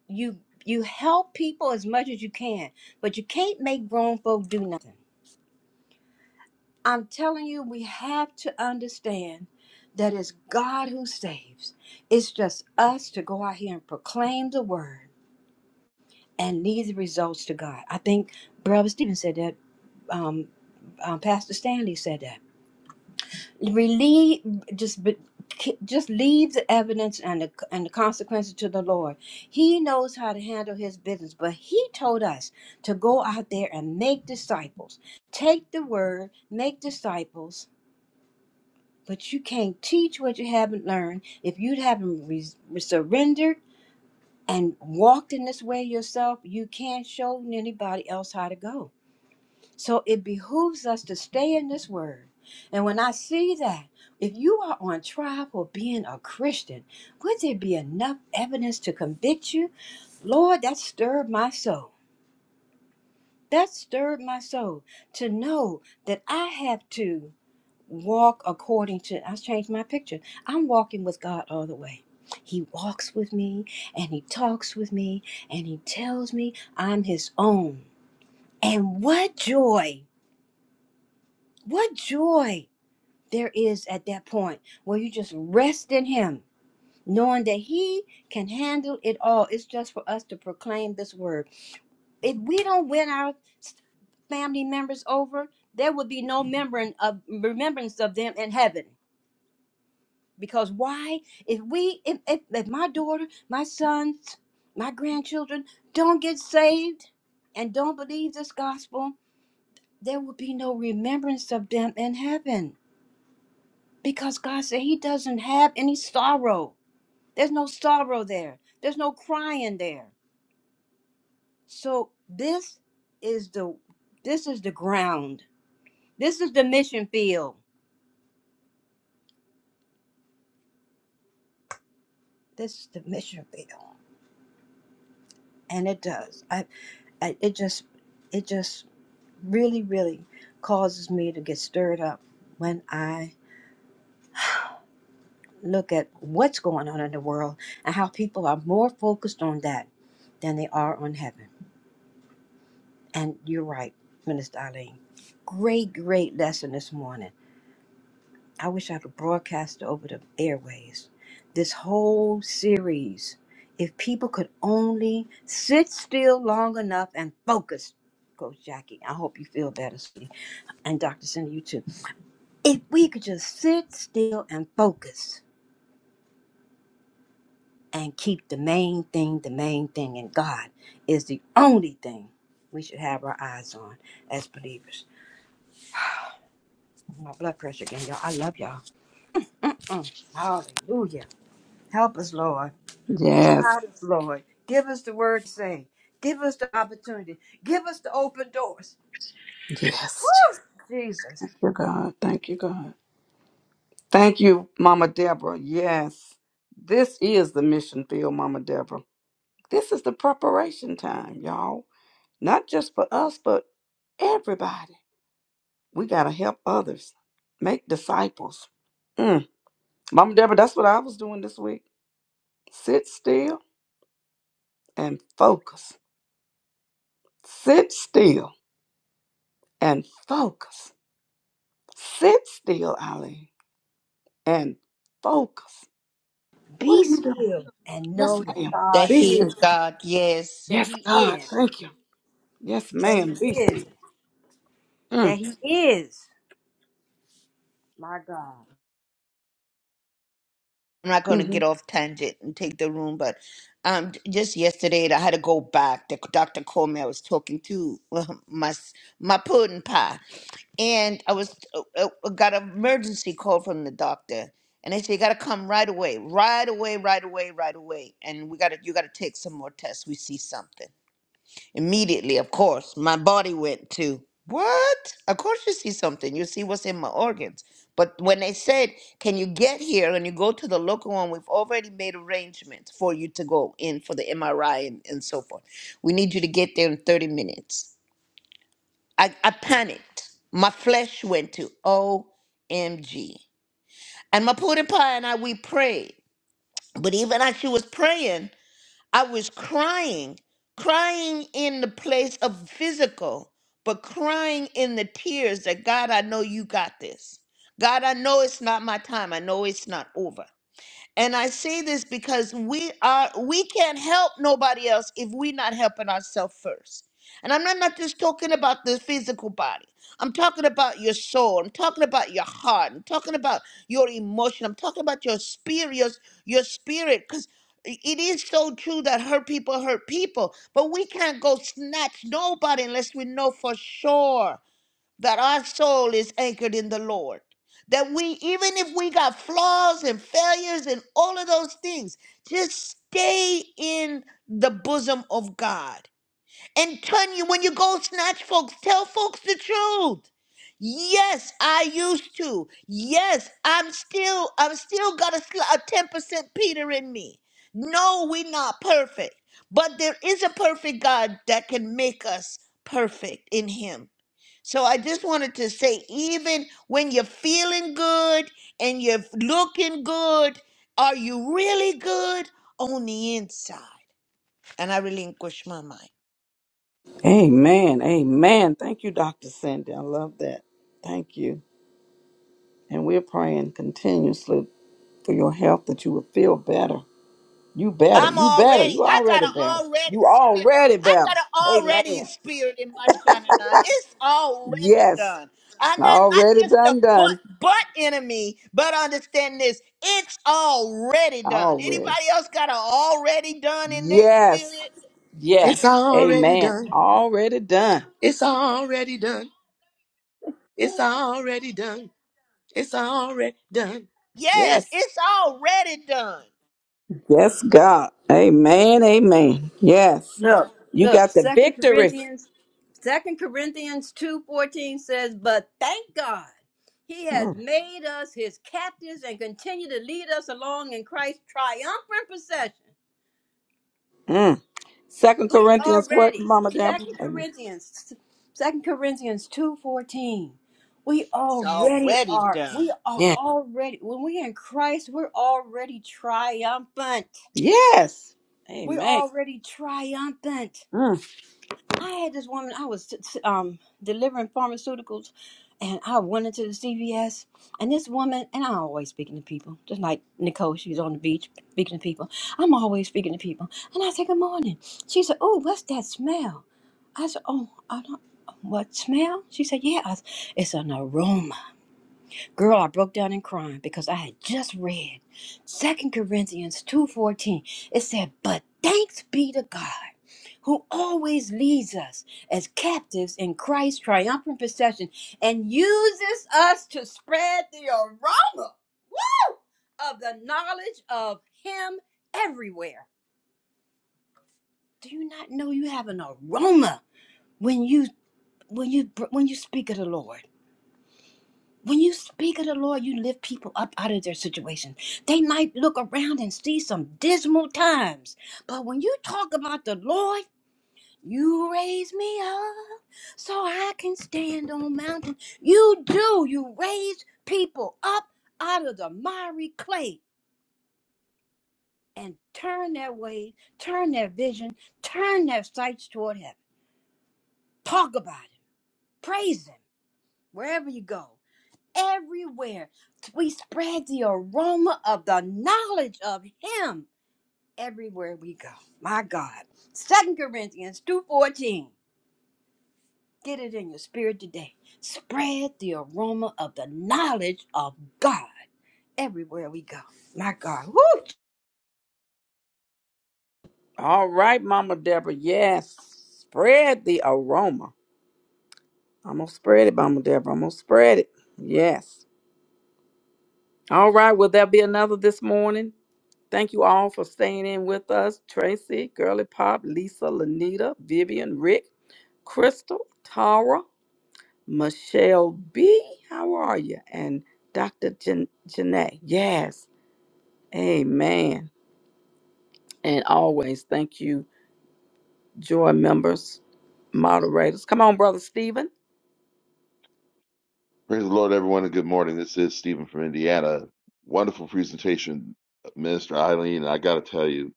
S9: You you help people as much as you can, but you can't make grown folk do nothing. I'm telling you, we have to understand that it's God who saves. It's just us to go out here and proclaim the word and leave the results to God. I think Brother Stephen said that. Um, um, Pastor Stanley said that. Relieve, just be, ki- just leave the evidence and the and the consequences to the Lord. He knows how to handle His business. But He told us to go out there and make disciples. Take the word, make disciples. But you can't teach what you haven't learned if you haven't re- surrendered and walked in this way yourself, you can't show anybody else how to go. So it behooves us to stay in this word. And when I see that, if you are on trial for being a Christian, would there be enough evidence to convict you? Lord, that stirred my soul. That stirred my soul to know that I have to walk according to I changed my picture. I'm walking with God all the way. He walks with me and he talks with me and he tells me I'm his own. And what joy, what joy there is at that point where you just rest in him, knowing that he can handle it all. It's just for us to proclaim this word. If we don't win our family members over, there would be no remembering of remembrance of them in heaven Because why? If we, if, if, if my daughter, my sons, my grandchildren don't get saved and don't believe this gospel, there will be no remembrance of them in heaven. Because God said He doesn't have any sorrow. There's no sorrow there. There's no crying there. So this is the this is the ground. This is the mission field. This is the mission field, and it does. I, I it just it just really, really causes me to get stirred up when I look at what's going on in the world and how people are more focused on that than they are on heaven. And you're right, Minister Eileen. Great, great lesson this morning. I wish I could broadcast it over the airways. This whole series, if people could only sit still long enough and focus, Coach Jackie, I hope you feel better, sweetie. And Dr. Cindy, you too If we could just sit still and focus and keep the main thing the main thing, and God is the only thing we should have our eyes on as believers. My blood pressure again, y'all. I love y'all. Hallelujah. Help us, Lord.
S3: Yes.
S9: Guide us, Lord. Give us the word to say. Give us the opportunity. Give us the open doors.
S3: Yes. Jesus.
S9: Jesus.
S3: Thank you, God. Thank you, God. Thank you, Mama Deborah. Yes, this is the mission field, Mama Deborah. This is the preparation time, y'all. Not just for us, but everybody. We got to help others, make disciples. Mm. Mama Deborah, that's what I was doing this week. Sit still and focus. Sit still and focus. Sit still, Eileen, and focus. What are
S9: Be
S3: you doing?
S9: still and
S3: Yes,
S9: know that
S3: ma'am.
S6: That
S9: God
S3: Be
S6: He
S9: is,
S6: is
S3: still.
S6: God. Yes.
S9: that
S3: Yes,
S9: He
S3: God.
S9: is,
S3: Thank you. Yes,
S9: that He
S3: ma'am.
S9: is,
S3: Beastie.
S9: that
S3: Mm.
S9: He is. My God.
S6: I'm not going to
S3: hmm
S6: get off tangent and take the room, but um, j- just yesterday I had to go back. The doctor called me. I was talking to [laughs] my s- my pudding pie, and I was uh, uh, got an emergency call from the doctor, and they said you got to come right away, right away, right away, right away, and we got to you got to take some more tests. We see something. Immediately, of course, my body went to what? Of course, you see something. You see what's in my organs. But when they said, "Can you get here?" and you go to the local one, we've already made arrangements for you to go in for the MRI and, and so forth. We need you to get there in 30 minutes. I, I panicked. My flesh went to OMG. And my pudding pie and I, we prayed. But even as she was praying, I was crying, crying in the place of physical, but crying in the tears that God, I know you got this. God, I know it's not my time. I know it's not over. And I say this because we are we can't help nobody else if we're not helping ourselves first. And I'm not, not just talking about the physical body. I'm talking about your soul. I'm talking about your heart. I'm talking about your emotion. I'm talking about your spirit, your, your spirit. Because it is so true that hurt people hurt people. But we can't go snatch nobody unless we know for sure that our soul is anchored in the Lord. That we, even if we got flaws and failures and all of those things, just stay in the bosom of God. And turn you, when you go snatch folks, tell folks the truth. Yes, I used to. Yes, I'm still, I'm still got a, sli- a 10% Peter in me. No, we're not perfect. But there is a perfect God that can make us perfect in Him. So I just wanted to say, even when you're feeling good and you're looking good, are you really good on the inside? And I relinquish my mind.
S3: Amen. Amen. Thank you, Dr. Cindy. I love that. Thank you. And we're praying continuously for your health that you will feel better. You better.
S6: I'm
S3: You better.
S6: already,
S3: You
S6: I got an
S3: already better.
S6: already
S3: You
S6: spirit.
S3: already
S6: I
S3: better.
S6: got an already
S3: Amen.
S6: spirit in my shining eye. It's already
S3: Yes.
S6: done. I'm not, not
S3: Already
S6: just a
S3: done,
S6: butt,
S3: done.
S6: butt enemy, but understand this. It's already done.
S3: Already.
S6: Anybody else got an already done in their spirit?
S3: Yes.
S8: It's
S3: Yes.
S8: already
S3: Amen.
S8: done.
S3: Already done.
S8: It's already done. It's already done. It's already done.
S6: Yes,
S8: Yes.
S6: it's already done.
S3: Yes, God. Amen. Amen. Yes.
S9: Look,
S3: You
S9: look,
S3: got the
S9: Second
S3: victory.
S9: Corinthians, Second Corinthians two fourteen says, But thank God he has made us his captives and continue to lead us along in Christ's triumphant procession.
S3: Mm. Second
S9: We
S3: Corinthians, what,
S9: already,
S3: Mama Deborah?
S9: Second
S3: Amen.
S9: Corinthians, Second Corinthians two fourteen. We
S6: It's
S9: already
S6: already
S9: are.
S6: done.
S9: We are
S3: Yeah.
S9: already when we're in Christ, we're already triumphant.
S3: Yes.
S9: We're
S3: Amen.
S9: already triumphant.
S3: Mm.
S9: I had this woman. I was t- t- um delivering pharmaceuticals, and I went into the CVS, and this woman and I'm always speaking to people, just like Nicole. She was on the beach speaking to people. I'm always speaking to people, and I said, "Good morning." She said, "Oh, what's that smell?" I said, "Oh, I don't." What smell? She said, "Yeah, I- s- it's an aroma." Girl, I broke down and crying because I had just read Second Corinthians 2.14. It said, But thanks be to God who always leads us as captives in Christ's triumphant procession and uses us to spread the aroma of the knowledge of him everywhere. Do you not know you have an aroma when you when you when you speak of the Lord? When you speak of the Lord, you lift people up out of their situation. They might look around and see some dismal times, but when you talk about the Lord, you raise me up so I can stand on mountain. You do. You raise people up out of the miry clay and turn their ways, turn their vision, turn their sights toward heaven. Talk about Him, praise Him wherever you go. everywhere. We spread the aroma of the knowledge of him everywhere we go. My God. Second Corinthians 2:14. Get it in your spirit today. Spread the aroma of the knowledge of God everywhere we go. My God. Woo!
S3: All right, Mama Deborah. Yes. Spread the aroma. I'm going to spread it, Mama Deborah. I'm going to spread it. Yes. All right. Will there be another this morning? Thank you all for staying in with us. Tracy, Girly Pop, Lisa, Lanita, Vivian, Rick, Crystal, Tara, Michelle B. How are you? And Dr. Jan- Janae. Yes. Amen. And always thank you, joy members, moderators. Come on, Brother Stephen.
S10: Praise the Lord, everyone, and good morning. This is Stephen from Indiana. Wonderful presentation, Minister Eileen. And I got to tell you,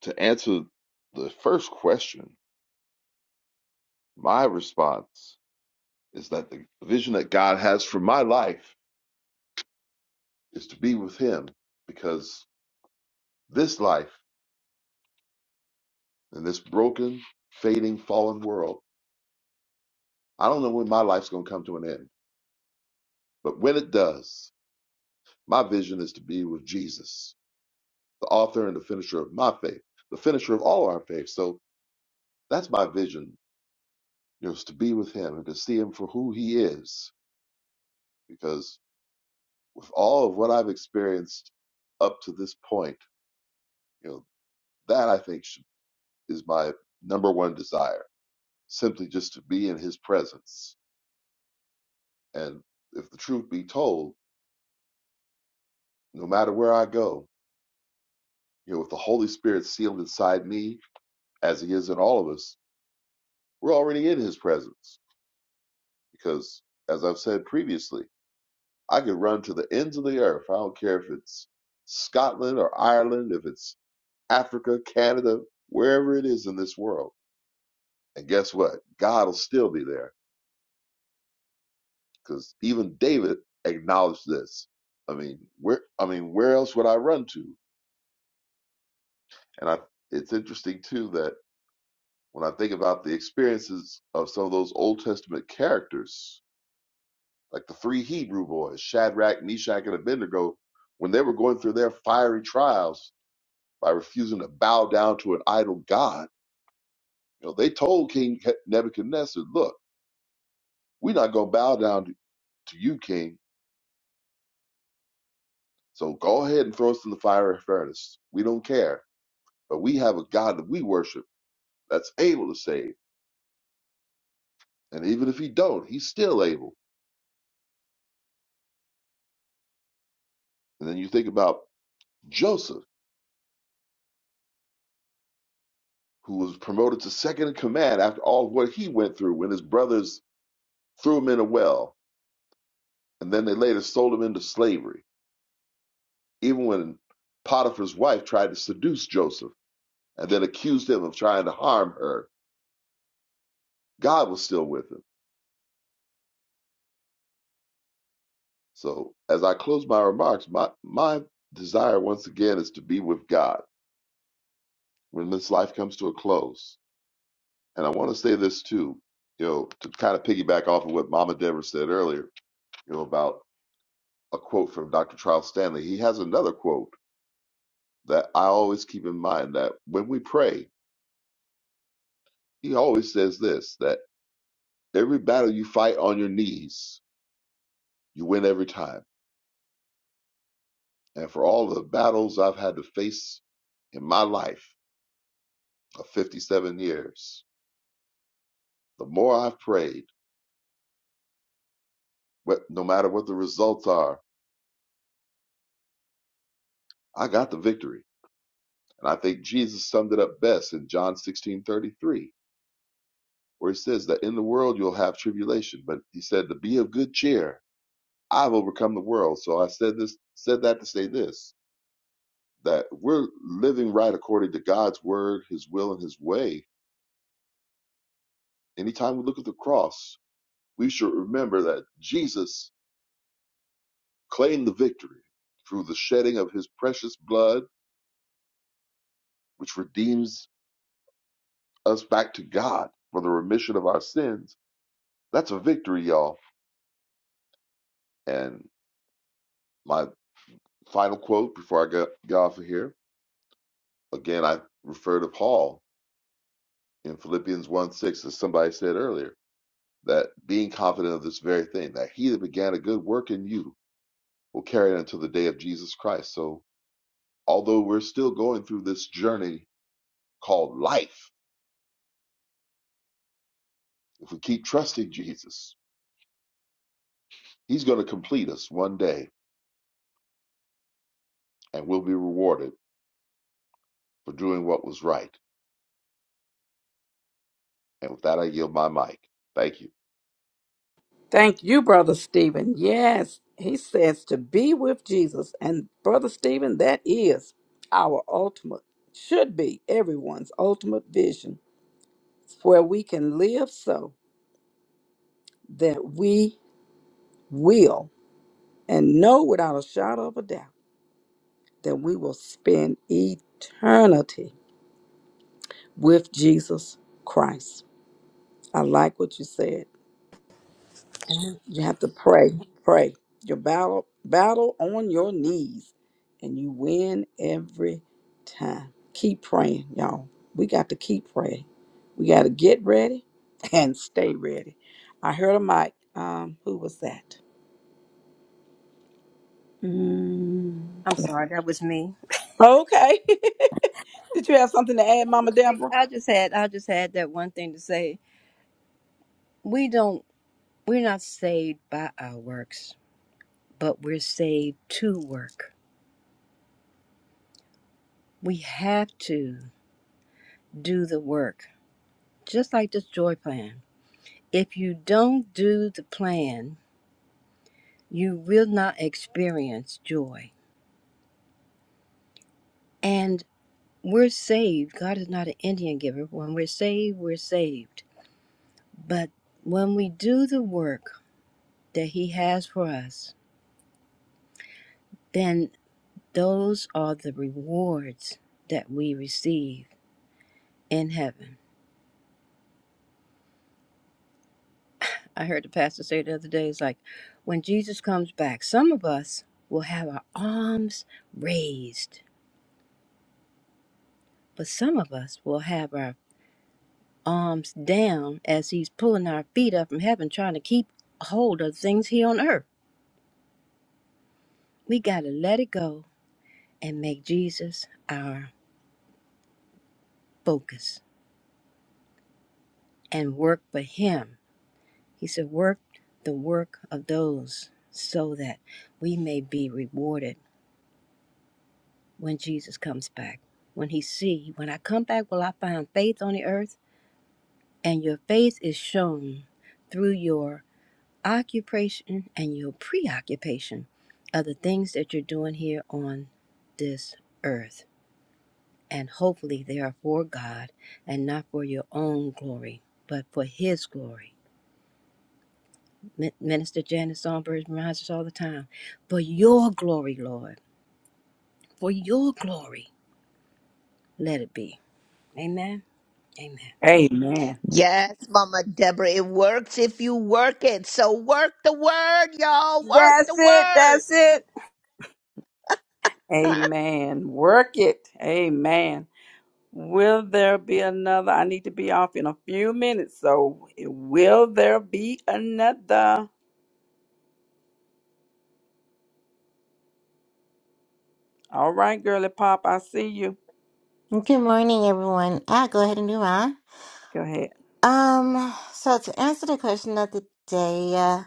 S10: to answer the first question, my response is that the vision that God has for my life is to be with Him because this life and this broken, fading, fallen world, I don't know when my life's going to come to an end. But when it does, my vision is to be with Jesus, the author and the finisher of my faith, the finisher of all our faith. So That's my vision, you know, is to be with him and to see him for who he is. Because with all of what I've experienced up to this point, you know, that I think should, is my number one desire, simply just to be in his presence. And if the truth be told, no matter where I go, you know, with the Holy Spirit sealed inside me, as he is in all of us, we're already in his presence. Because as I've said previously, I could run to the ends of the earth. I don't care if it's Scotland or Ireland, if it's Africa, Canada, wherever it is in this world. And guess what? God will still be there because even David acknowledged this. I mean, where I mean, where else would I run to? And I, it's interesting too that when I think about the experiences of some of those Old Testament characters, like the three Hebrew boys, Shadrach, Meshach, and Abednego, when they were going through their fiery trials, by refusing to bow down to an idol god. You know, they told King Nebuchadnezzar, look, we're not going to bow down to you, king. So go ahead and throw us in the fire furnace. We don't care. But we have a God that we worship that's able to save. And even if he don't, he's still able. And then you think about Joseph, who was promoted to second in command after all of what he went through when his brothers threw him in a well. And then they later sold him into slavery. Even when Potiphar's wife tried to seduce Joseph and then accused him of trying to harm her, God was still with him. So, as I close my remarks, my, my desire once again is to be with God when this life comes to a close. And I want to say this too, you know, to kind of piggyback off of what Mama Deborah said earlier, you know, about a quote from Dr. Charles Stanley. He has another quote that I always keep in mind that when we pray, he always says this that every battle you fight on your knees, you win every time And for all the battles I've had to face in my life of 57 years, the more I've prayed, what, no matter what the results are, I got the victory. And I think Jesus summed it up best in John 16:33, where he says that in the world you'll have tribulation, but he said to be of good cheer. I've overcome the world. So I said this, said that to say this, that we're living right according to God's word, his will, and his way. Anytime we look at the cross, we should remember that Jesus claim the victory through the shedding of his precious blood, which redeems us back to God for the remission of our sins. That's a victory, y'all. And my final quote before I get, get off of here again, I refer to Paul in Philippians 1 6, as somebody said earlier, that being confident of this very thing, that he that began a good work in you will carry it until the day of Jesus Christ. So, although we're still going through this journey called life, if we keep trusting Jesus, He's going to complete us one day, and we'll be rewarded for doing what was right. And with that, I yield my mic. Thank you.
S3: Thank you, Brother Stephen. Yes, he says to be with Jesus. And, Brother Stephen, that is our ultimate, should be everyone's ultimate vision, where we can live so that we will and know without a shadow of a doubt that we will spend eternity with Jesus Christ. I like what you said.
S9: And
S3: You have to pray, pray your battle, battle on your knees, and you win every time. Keep praying, y'all. We got to keep praying. We got to get ready [laughs] and stay ready. I heard a mic. Um, who was that? Mm,
S9: I'm sorry, that was me.
S3: okay. [laughs] Did you have something to add,
S9: It
S3: Mama
S9: was me.
S3: Deborah?
S9: I just had I just had that one thing to say. We don't we're not saved by our works, but we're saved to work. We have to. do the work, just like this joy plan. If you don't do the plan, you will not experience joy. And we're saved. God is not an Indian giver. When we're saved, we're saved. But when we do the work that He has for us, then those are the rewards that we receive in heaven. I heard the pastor say the other day, it's like when Jesus comes back, some of us will have our arms raised But some of us will have our arms down as he's pulling our feet up from heaven, trying to keep hold of things here on earth. We got to let it go and make Jesus our focus and work for him. He said, Work the work of those so that we may be rewarded when Jesus comes back. When he see, when I come back, will I find faith on the earth? And your faith is shown through your occupation and your preoccupation of the things that you're doing here on this earth. And hopefully they are for God and not for your own glory, but for His glory. Min- Minister Janice Songbird reminds us all the time for your glory, Lord, for your glory, let it be. Amen. Amen.
S3: Amen.
S6: Yes, Mama Deborah, it works if you work it. So work the word, y'all. Work the
S9: That's it. That's
S6: word.
S9: it.
S6: [laughs]
S3: Amen. Work it. Amen. Will there be another? I need to be off in a few minutes, so will there be another? All right, girly pop, I see you.
S11: Good morning, everyone. I'll go ahead and do mine.
S3: Go ahead.
S11: Um, so to answer the question of the day, uh,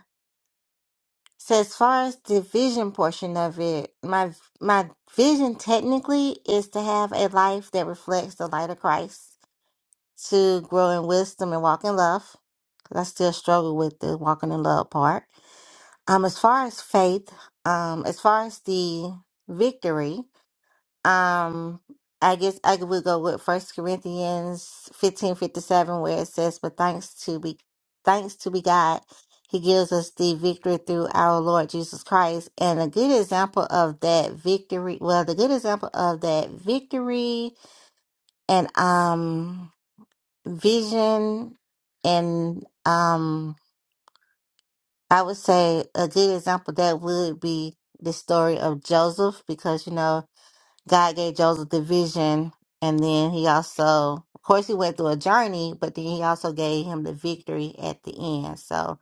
S11: so as far as the vision portion of it, my my vision technically is to have a life that reflects the light of Christ, to grow in wisdom and walk in love. 'cause I still struggle with the walking in love part. Um, as far as faith, um, as far as the victory, Um, I guess I would go with First Corinthians fifteen fifty seven, where it says, "But thanks to be, thanks to be God, He gives us the victory through our Lord Jesus Christ." And a good example of that victory, well, the good example of that victory and um vision, and um, I would say a good example that would be the story of Joseph, because you know God gave Joseph the vision, and then he also, of course, he went through a journey, but then he also gave him the victory at the end. So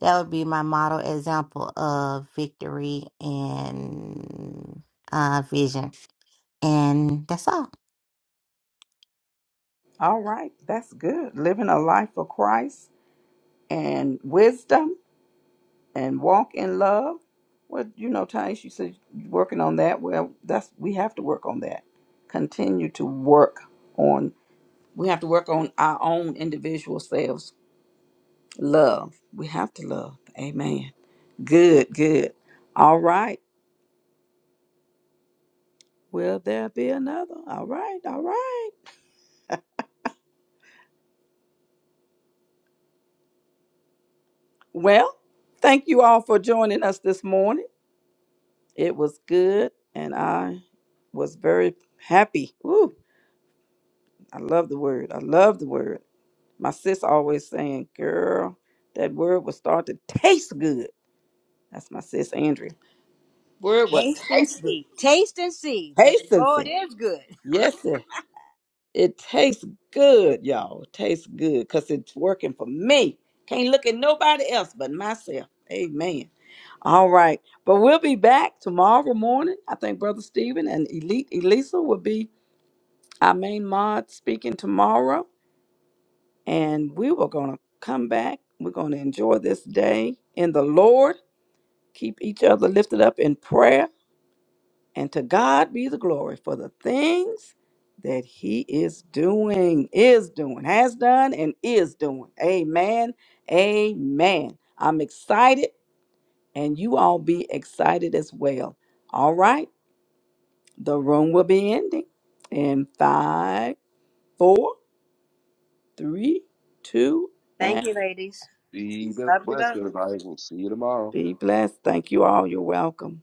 S11: that would be my model example of victory and uh, vision, and that's all.
S3: All right, that's good. Living a life for Christ and wisdom and walk in love. Well, you know, Tanisha, you said you're working on that. Well, that's we have to work on that. Continue to work on. We have to work on our own individual selves. Love. We have to love. Amen. Good, good. All right. Will there be another? All right, all right. Well, thank you all for joining us this morning. It was good, and I was very happy. Ooh, I love the word. I love the word. My sis always saying, "Girl, that word will start to taste good." That's my sis Andrea. Word will
S9: Taste and
S3: taste good.
S9: see. Taste and see that the
S3: Taste and
S9: Lord
S3: see.
S9: is good.
S3: Yes, sir. It tastes good, y'all. It tastes good because it's working for me. Can't look at nobody else but myself. Amen. All right. But we'll be back tomorrow morning. I think Brother Stephen and Elite Elisa will be our main mod speaking tomorrow. And we were going to come back. We're going to enjoy this day in the Lord. Keep each other lifted up in prayer. And to God be the glory for the things that he is doing, is doing, has done, and is doing. Amen. Amen. I'm excited, and you all be excited as well. All right. The room will be ending in five, four, three, two,
S9: Thank
S3: and
S9: you, ladies.
S10: Be
S9: Love you,
S10: blessed,
S9: love.
S10: everybody. We'll see you tomorrow.
S3: be blessed. Thank you all. You're welcome.